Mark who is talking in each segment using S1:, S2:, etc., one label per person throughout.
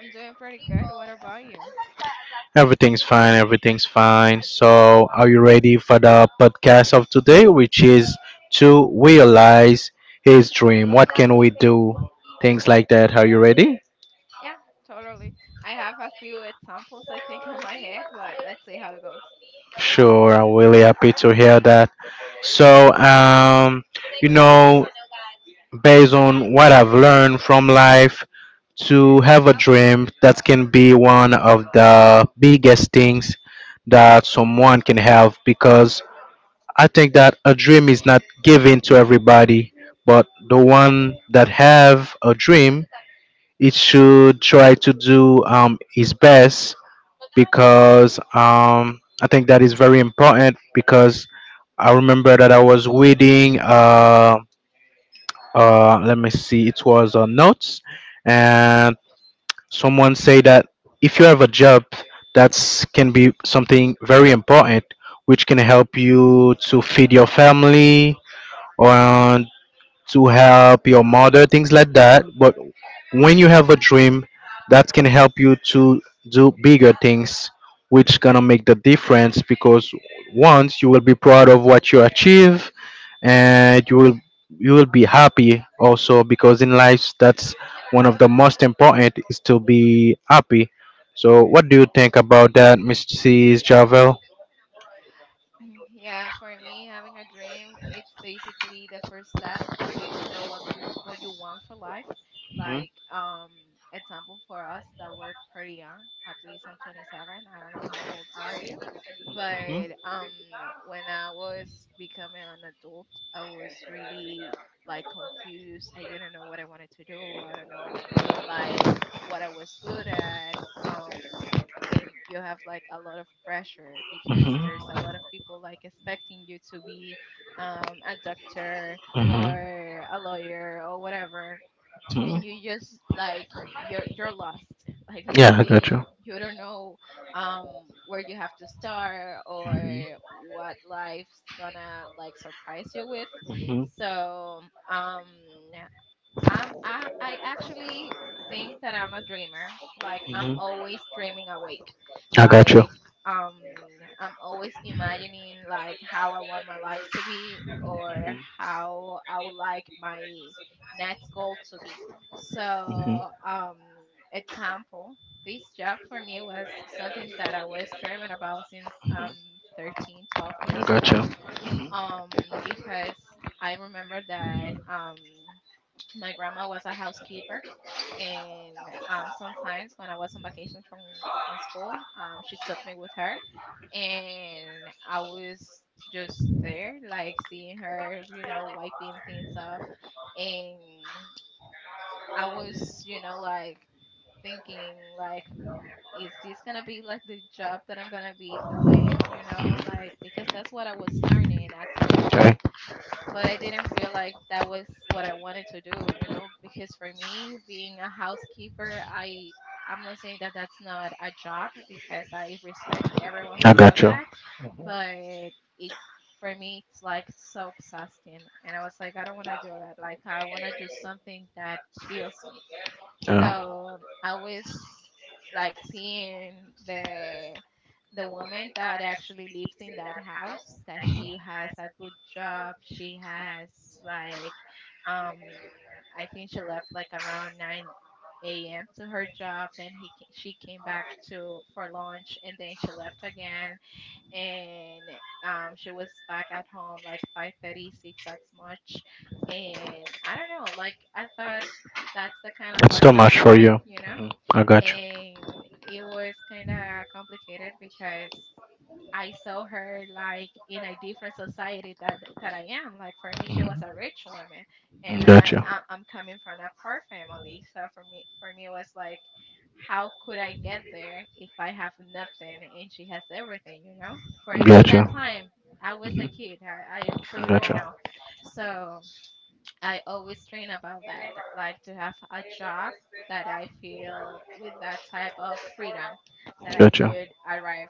S1: I'm doing pretty good. What about you?
S2: Everything's fine, everything's fine. So, are you ready for the podcast of today, which is to realize his dream? What can we do? Things like that. Are you ready?
S1: Yeah, totally. I have a few examples I think on my head, but let's see how it goes.
S2: Sure, I'm really happy to hear that. So, um, you know, Based on what I've learned from life, to have a dream that can be one of the biggest things that someone can have, because I think that a dream is not given to everybody, but the one that have a dream, it should try to do his best, because I think that is very important. Because I remember that I was reading let me see, it was notes, and someone say that if you have a job, that's can be something very important which can help you to feed your family, or to help your mother, things like that. But when you have a dream, that can help you to do bigger things, which gonna make the difference, because once you will be proud of what you achieve, and you will be happy also, because in life that's one of the most important is to be happy. So what do you think about that, Mrs. Javel?
S1: Yeah, for me, having a dream, it's basically the first step for you to know what you want for life. Like, example for us that we're pretty young. At least I'm 27. I don't know how old are you, but when I was becoming an adult, I was really like confused. I didn't know what I wanted to do. I don't know like what I was good at. Um, and you have like a lot of pressure because there's a lot of people like expecting you to be a doctor or a lawyer or whatever and you just like you're lost like literally you don't know um where you have to start or what life's gonna like surprise you with, so um I actually think that I'm a dreamer. Like I'm always dreaming awake.
S2: I got you.
S1: Like um I'm always imagining like how I want my life to be or how I would like my next goal to be. So example, this job for me was something that I was dreaming about since 13, 12 years old. Because I remember that my grandma was a housekeeper, and sometimes when I was on vacations from school, she took me with her, and I was just there, like seeing her, you know, wiping things off, and I was, you know, like thinking like is this gonna be like the job that I'm gonna be doing, you know, like because that's what I was learning at some point, but I didn't feel like that was what I wanted to do, you know, because for me, being a housekeeper, I'm not saying that that's not a job because I respect everyone who does that, but it's for me it's like so exhausting and I was like I don't want to do that. Like I want to do something that feels me. So I was like seeing the the woman that actually lives in that house, that she has a good job. She has like um I think she left like around 9 a.m. to her job. Then she came back to for lunch and then she left again, and she was back at home like five thirty, six. 6 at much. And I don't know, like I thought that's the kind of life that I want, you know. And it was kind of complicated because I saw her like in a different society that I am. Like for me, she was a rich woman, and I'm coming from a poor family. So for me, it was like, how could I get there if I have nothing and she has everything? You know, for me that time I was a kid. I truly didn't know. So I always dream about that, like to have a job that I feel with that type of freedom that I could arrive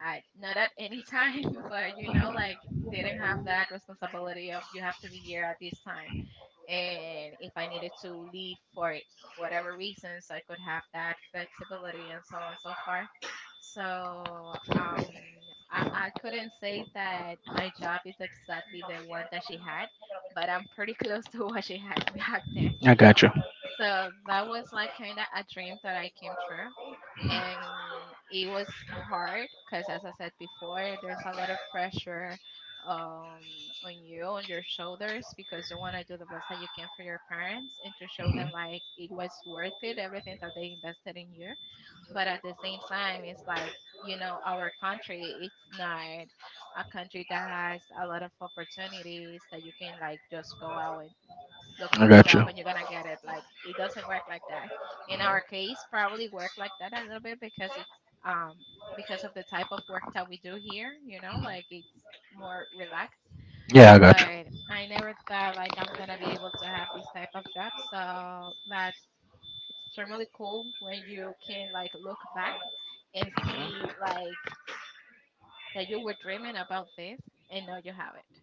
S1: at not at any time, but you know, like didn't have that responsibility of you have to be here at this time. And if I needed to leave for whatever reasons, I could have that flexibility and so on so far. So I couldn't say that my job is exactly the one that she had, but I'm pretty close to what she had back then. So that was like kind of a dream that I came true, and it was hard because as I said before there's a lot of pressure, um, on you, on your shoulders, because you want to do the best that you can for your parents and to show them like it was worth it, everything that they invested in you. But at the same time it's like, you know, our country it's not a country that has a lot of opportunities that you can like just go out, look for a job and you're gonna get it. Like it doesn't work like that. In our case, probably work like that a little bit because it's um because of the type of work that we do here. You know, like it's more relaxed. Yeah. But I never thought like I'm gonna be able to have this type of job. So that's extremely cool when you can like look back and see like that you were dreaming about this and now you have it.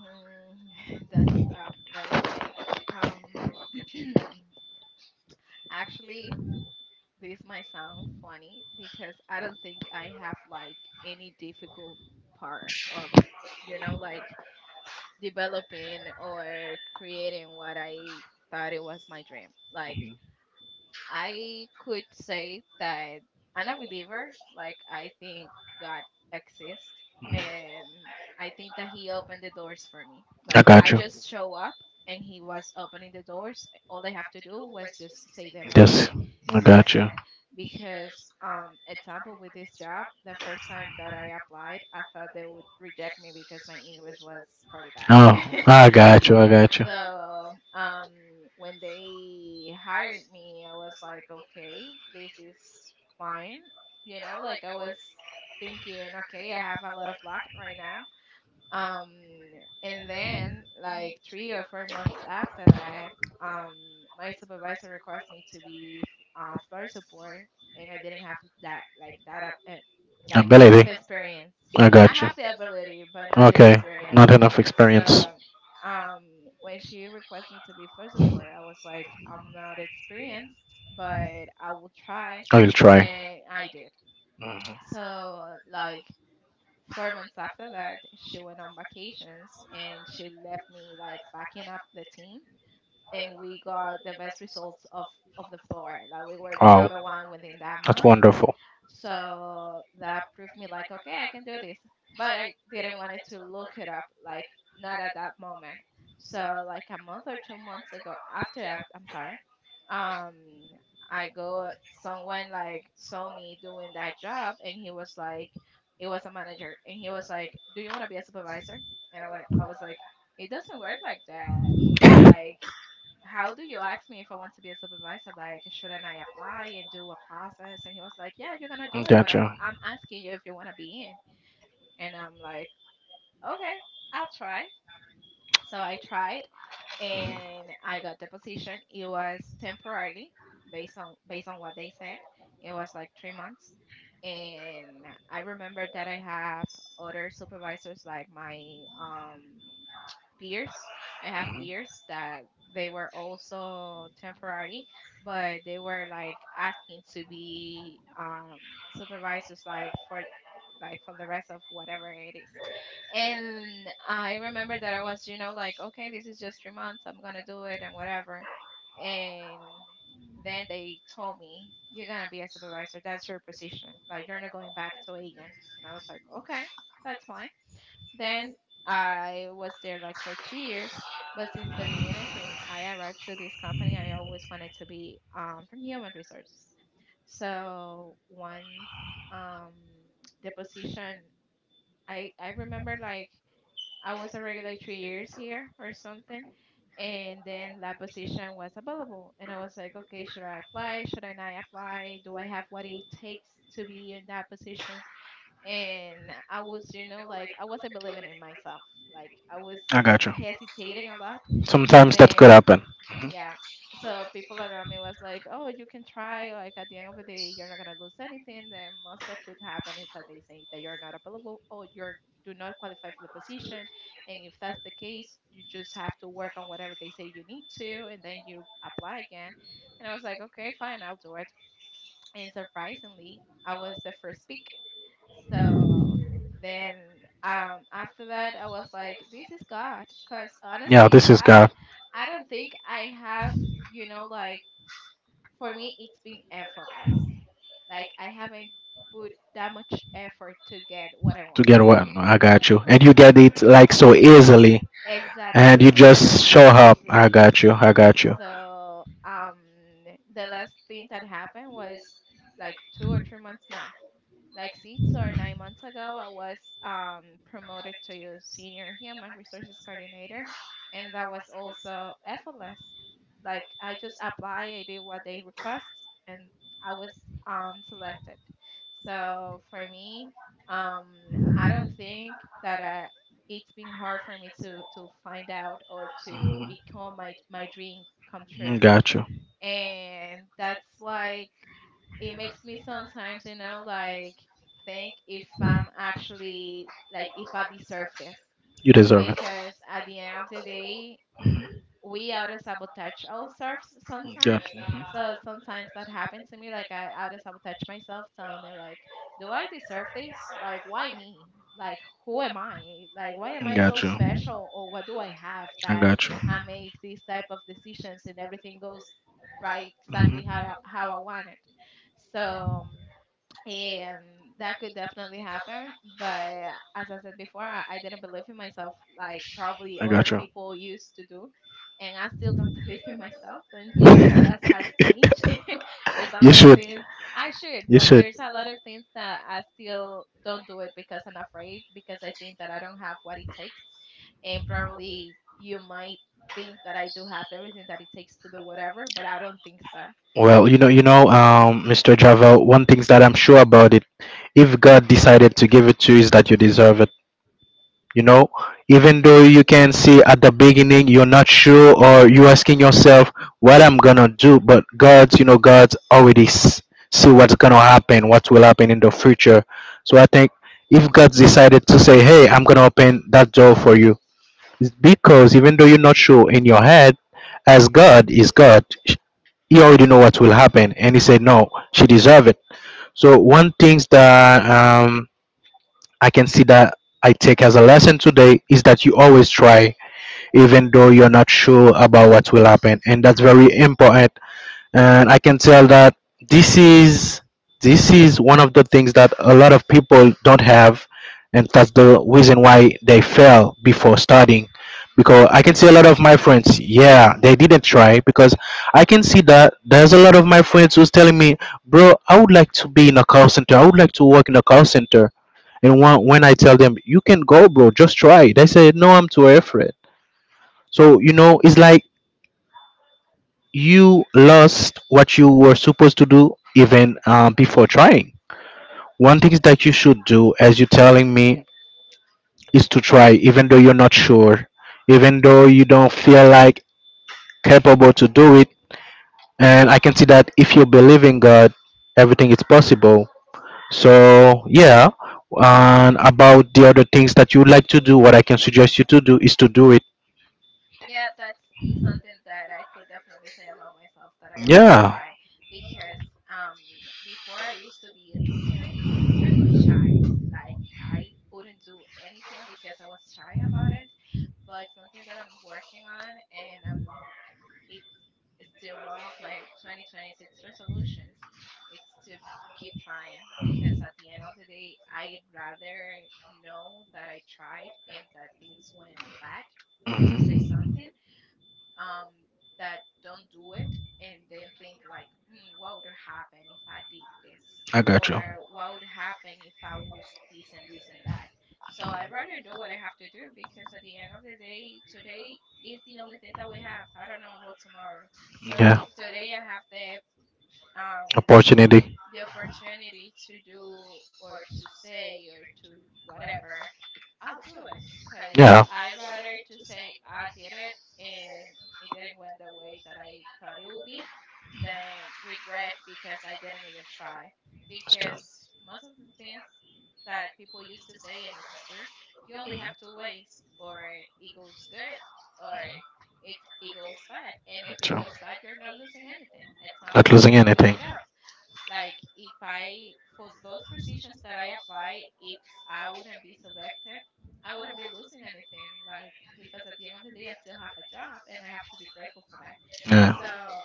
S1: Hmm, that's tough. Let me think. Um, actually, this might sound funny because I don't think I have like any difficult part of, you know, like developing or creating what I thought it was my dream. Like I could say that I'm a believer. Like I think God exists, and I think that He opened the doors for me. Like I just show up, and He was opening the doors. All I have to do was just say the right thing, and that's it. Because example with this job, the first time that I applied, I thought they would reject me because my English was pretty bad. So when they hired me, I was like, okay, this is fine. You know, like I was thinking, okay, I have a lot of luck right now, um and then like 3 or 4 months after that um my supervisor requested me to be floor support, and I didn't have that like enough experience. I have the ability but not the experience. So um when she requested me to be floor support, I was like, I'm not experienced, but I will try. And I did. So like 4 months after that, she went on vacations and she left me like backing up the team. And we got the best results of the floor. Like we were the number one within that month. So that proved me like, okay, I can do this. But I didn't want it to look it up, like not at that moment. So like a month or 2 months ago, after that, I'm sorry, um, I go someone like saw me doing that job, and he was like, it was a manager, and he was like, do you want to be a supervisor? And I was like, it doesn't work like that. Like how do you ask me if I want to be a supervisor? Like, shouldn't I apply and do a process? And he was like, yeah, you're gonna do it, but I'm asking you if you want to be in. And I'm like, okay, I'll try. So I tried and I got the position. It was temporarily based on what they said. It was like 3 months. And I remember that I have other supervisors like my peers. I have peers that they were also temporary, but they were like asking to be supervisors like for the rest of whatever it is. And I remember that I was, you know, like, okay, this is just 3 months. I'm going to do it and whatever. And then they told me, you're going to be a supervisor. That's your position. Like, you're not going back to agent. And I was like, okay, that's fine. Then I was there like for 2 years. But since the beginning, since I arrived to this company, I always wanted to be from human resources. So once um, the position, I remember like I was already like 3 years here or something, and then that position was available, and I was like, okay, should I apply? Should I not apply? Do I have what it takes to be in that position? And I was, you know, like I wasn't believing in myself. Like I was hesitating a lot, and then yeah, so people around me was like, oh, you can try, like at the end of the day you're not going to lose anything, the most that could happen is that they say that you're not available or you're do not qualify for the position, and if that's the case you just have to work on whatever they say you need to, and then you apply again. And I was like, okay, fine, I'll do it. And surprisingly, I was the first pick. So then after that, I was like, this is God, because honestly, I don't think I have, you know, like for me, it's been effortless. Like I haven't put that much effort to get what I want. Exactly, everything has been so easily. So the last thing that happened was like two or three months now like 6 or 9 months ago, I was promoted to senior human resources coordinator, and that was also effortless. Like I just apply, I did what they request, and I was selected. So for me, um, I don't think that I, it's been hard for me to find out or to become my dream come true, and that's like it makes me sometimes, you know, like think if I'm actually, like, if I deserve this. Because at the end of the day, we auto sabotage ourselves sometimes. So sometimes that happened to me. Like I auto sabotage myself, telling me like, "Do I deserve this? Like, why me? Like, who am I? Like, why am I so special? Or what do I have that I make these type of decisions and everything goes right exactly how how I want it?" So. um, and that could definitely happen, but as I said before, I didn't believe in myself like probably other people used to do, and I still don't believe in myself. Don't think that that has changed. There's a lot of things I should, but there's a lot of things that I still don't do it because I'm afraid, because I think that I don't have what it takes. And probably you might think that I do have everything that it takes to do whatever, but I don't think so. Yeah. Because they don't have courage. Totally. Yeah, that's something that I could definitely say about myself, that I always try. Because um, before I used to be extremely shy. Like I wouldn't do anything because I was shy about it. But something that I'm working on, and I'm it's still one of my 2026 resolutions. It's to keep trying, because at the end of the day, I'd rather know that I tried and that things went bad, to say something, um, that don't do it and then think like, what would happen if I did this, or what would happen if I was this and this and that. So I rather do what I have to do because at the end of the day, today is the only thing that we have. I don't know about tomorrow. So if today I have the, um, the opportunity to do or to say or to whatever, I'll do it because I rather to say I did it and it didn't went the way that I thought it would be, than regret because I didn't even try. Because most of the things that people used to say, and it's true, you only have two ways. Or it goes good, or it's it goes bad. And if it goes bad, you're not losing anything. Example, with a job, like if I, for those positions that I apply, if I wouldn't be selected, I wouldn't be losing anything. Like, because at the end of the day, I still have a job and I have to be grateful for that. So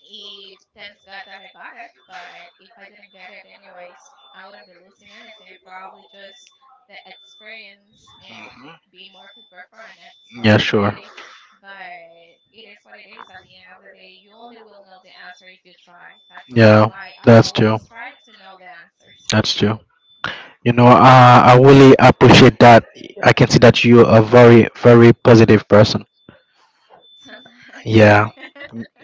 S1: if, thanks God that I got it, but if I didn't get it anyways, I wouldn't be losing anything. Probably just the experience and be more prepared for an Yeah, opportunity. But it is what it is at the end of the day. You only will know the answer if you try. That's the reason, yeah, why I always try to know the answers. Hmm. Sometimes.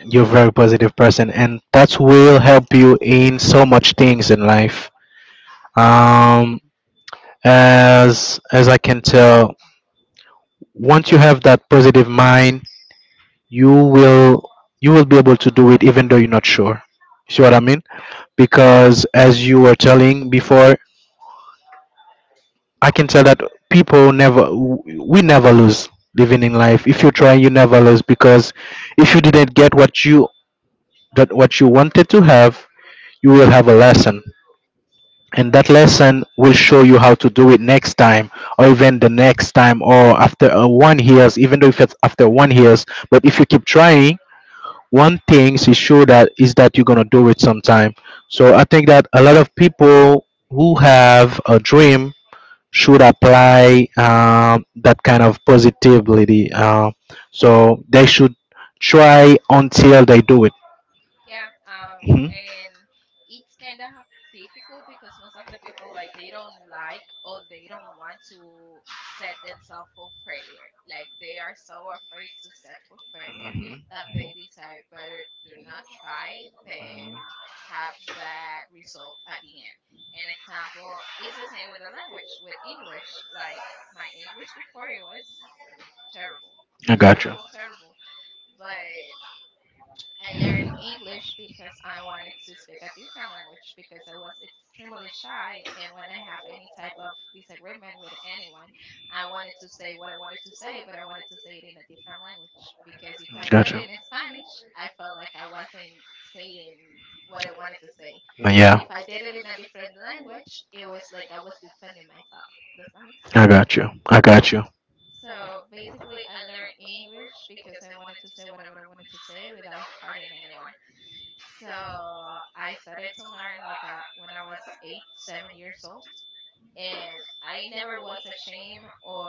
S1: Yeah, and it's kind of difficult because most of the people, like, they don't like, or they don't want to set themselves for failure. Like, they are so afraid to set for failure that they decide better do not try than have that result at the end. An example is the same with the language, with English. Like my English before, it was terrible, terrible. But I learned English because I wanted to speak a different language, because I was extremely shy. And when I have any type of disagreement with anyone, I wanted to say what I wanted to say, but I wanted to say it in a different language, because if I said it in Spanish, I felt like I wasn't saying what I wanted to say. But if I did it in a different language, it was like I was defending myself. Does that make sense? So basically, I learned English because I wanted to say whatever I wanted to say without hurting anyone. So I started to learn like when I was 8, 7 years old, and I never was ashamed or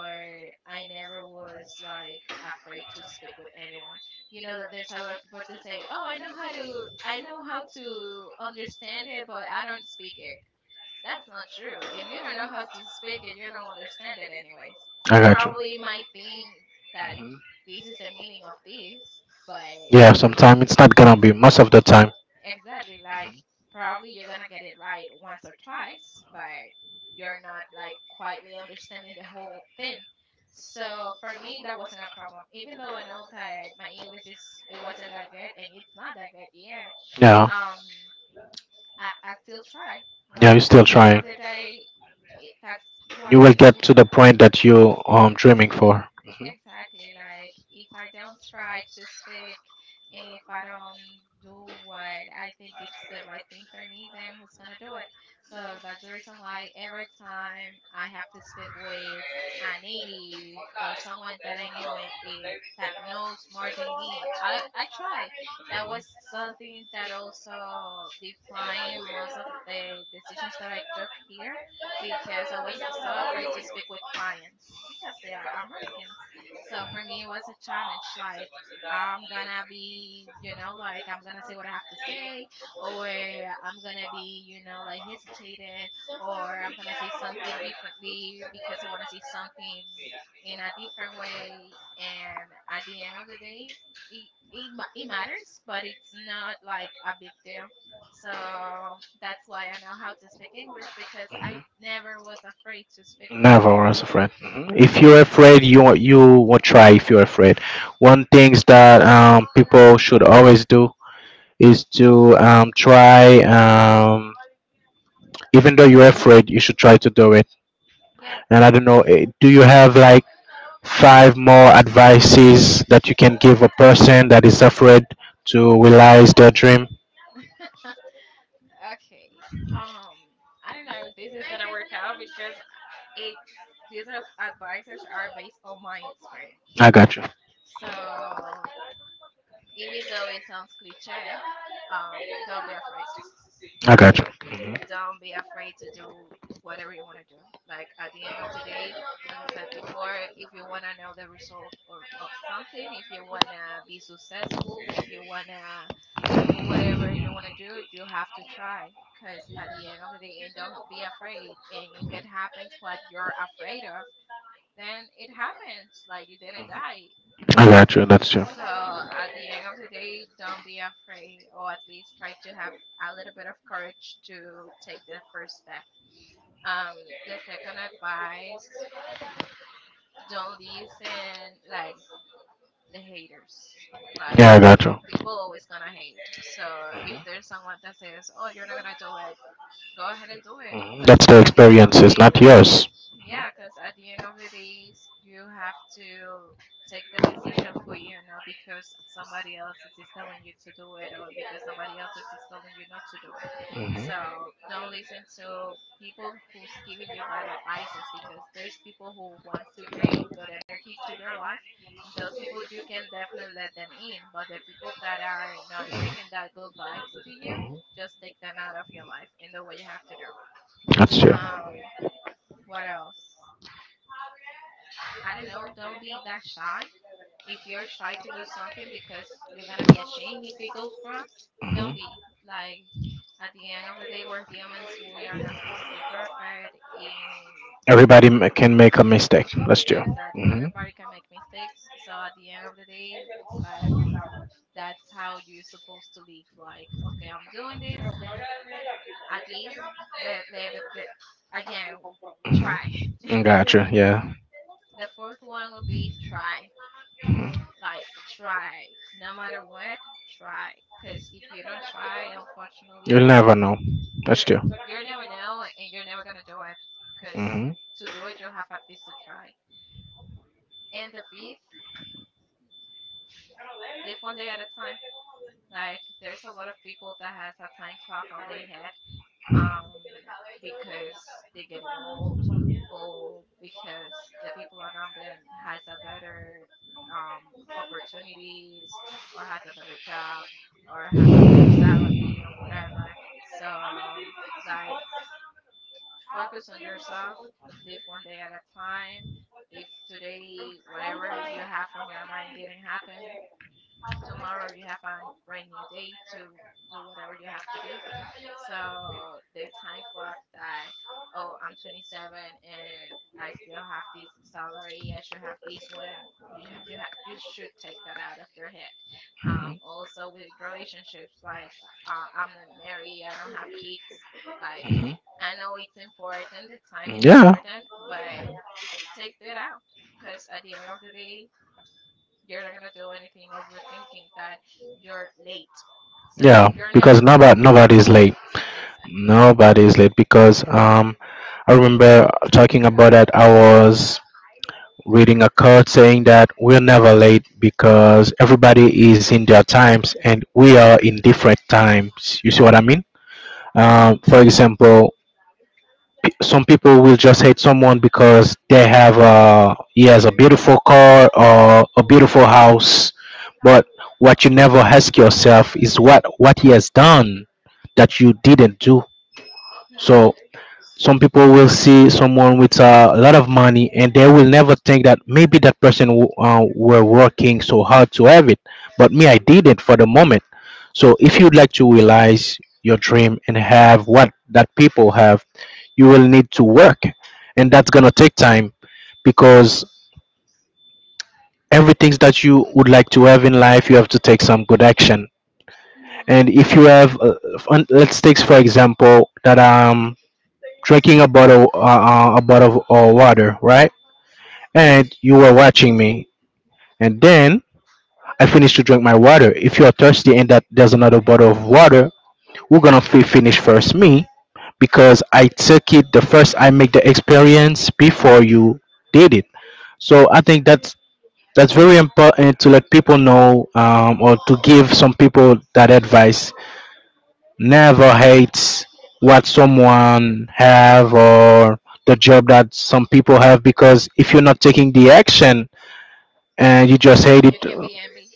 S1: I never was like afraid to speak with anyone. You know that there's a lot of people that say, "Oh, I know how to understand it, but I don't speak it." That's not true. If you don't know how to speak it, you don't understand it anyways. You, yeah, probably might think that this is the meaning of this, but you, yeah, could exactly. Like, probably you're gonna get it right once or twice, but you're not like quietly understanding the whole thing. So for me, that wasn't a problem. Even though I know that my English is it wasn't that good and it's not that good yet, Uh, um, I still try. Like, at still the still end of the try. Day, that's what makes me exactly. Like if I don't try to speak, if I don't do what I think it's the right thing for me, then who's gonna do it? So that's the reason why every time I have to speak with a native or someone that I knew it, it, that knows more than me, I try. That was something that also defined most of the decisions that I took here because I was so afraid to speak with clients because they are Americans. So for me, it was a challenge. Like, I'm gonna be, you know, like, I'm gonna say what I have to say, or I'm gonna be, you know, like, hesitating, or I'm gonna say something differently because I wanna say something in a different way. And at the end of the day, it matters, but it's not like a big deal. So that's why I know how to speak English, because I never was afraid to speak with someone. Hmm. Yeah. Okay. Um, I don't know if this is gonna work out because it's these are advices are based on my experience. So even though it sounds cliche, don't be afraid. Like, don't be afraid to do whatever you want to do. Like, at the end of the day, as I said before, if you want to know the result of something, if you want to be successful, if you want to do whatever you want to do, you have to try. Because at the end of the day, and don't be afraid. And if it happens what you're afraid of, then it happens. Like, you didn't die. In, so at the end of the day, don't be afraid, or at least try to have a little bit of courage to take the first step. The second advice: don't listen, like, the haters. Like, people always gonna hate. So if there's someone that says, "Oh, you're not gonna do it," go ahead and do it. Cause at the end of the day, yeah, because at the end of the day, you have to take the decision for you, not because somebody else is telling you to do it or because somebody else is telling you not to do it. So don't listen to people who's giving you bad advices, because there's people who wants to bring good energy to your life. And those people you can definitely let them in, but the people that are not bringing that good vibes to you, just take them out of your life. And the way you have to do. Um, what else? I don't know, don't be that shy. If you're shy to do something because you're gonna be ashamed if it goes wrong, don't be. Like, at the end of the day, we're humans. We are not supposed to be perfect. In, exactly, everybody can make mistakes. So at the end of the day, like, that's how you're supposed to live. Like, okay, I'm doing this. At least the again, try. The fourth one will be try. Like, try, no matter what. Try, because if you don't try, unfortunately, you're you're never know and you're never gonna do it. Because to do it you have at least to try. And the fifth, live one day at a time. Like, there's a lot of people that has a time clock on their head, um, because they're getting old, or because the people around them has a better, um, opportunities, or has a better job, or have a better salary or whatever. So, like, focus on yourself, live one day at a time. If today whatever you have on your mind didn't happen, tomorrow you have a brand new day to do whatever you have to do. So the time clock that, oh, I'm 27 and I still have this salary. I should have this when you should take that out of your head. Also with relationships, like I'm not married. I don't have kids. Like, I know it's important, the time is important, but take that out, because at the end of the day, you're not gonna do anything overthinking that you're late. So you're never late. Exactly. Mm-hmm. Mm-hmm. You can be envy.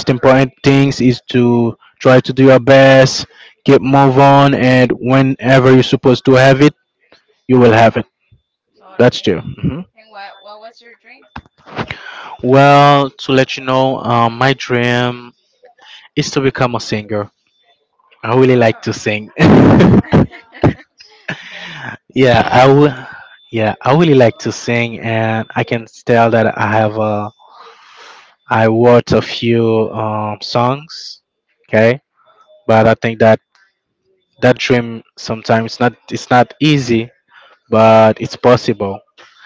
S1: Totally. Totally. And what was your dream? Wow. That's kind of cool.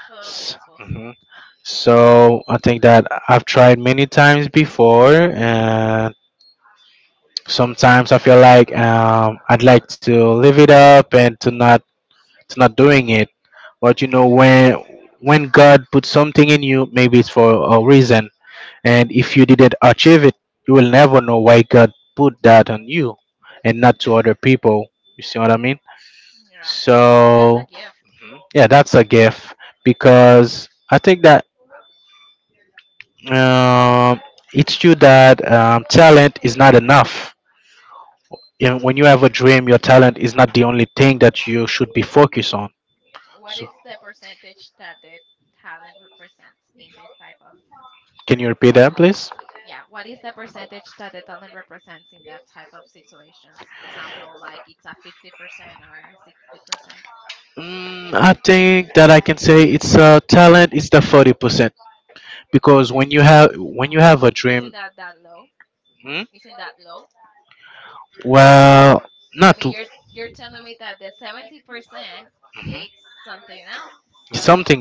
S1: Totally, it's possible. Yeah. That's a gift. What is the percentage that the talent represents in this type of dreams? Yeah. What is the percentage that the talent represents in that type of situations? Example, like, it's a 50% or a 60%, the 30. Isn't that that low? Isn't that low? I mean, you're telling me that the 70%, it's something else. So,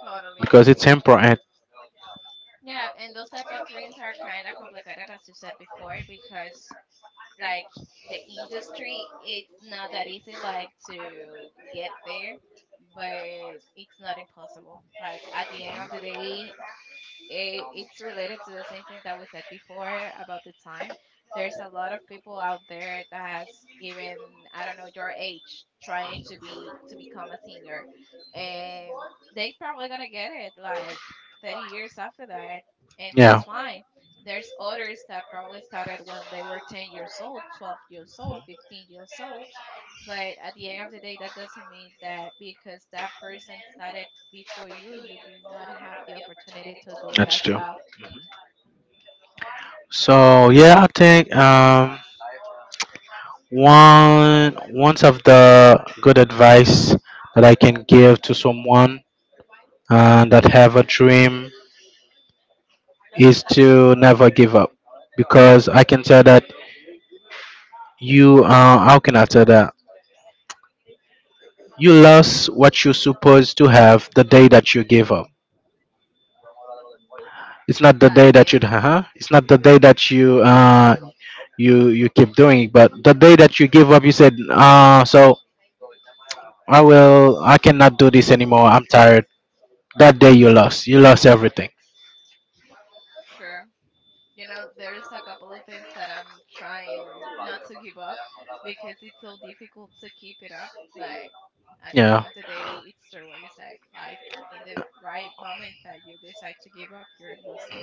S1: totally, yeah. And those type of dreams are kind of complicated, as you said before, because, like, the industry, it's not that easy, like, to get there, but it's not impossible. Like, at the end of the day, it's related to the same thing that we said before about the time. There's a lot of people out there that's even, I don't know your age, trying to be to become a singer, and they probably gonna get it like 30 years after that, and that's fine. There's others that probably started when they were 10 years old, 12 years old, 15 years old, but at the end of the day, that doesn't mean that because that person started before you, you do not have the opportunity to do it as well. That's it. Sure. You know, there's a couple of things that I'm trying not to give up because it's so difficult to keep it up. But at the end of the day, it's true what you said. Like, in the right moment that you decide to give up, you're losing.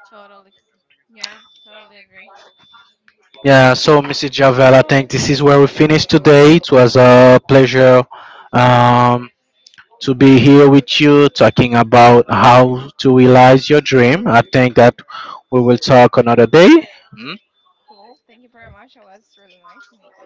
S1: Totally. Yeah, totally agree. Cool. Thank you very much. It was really nice to meet you.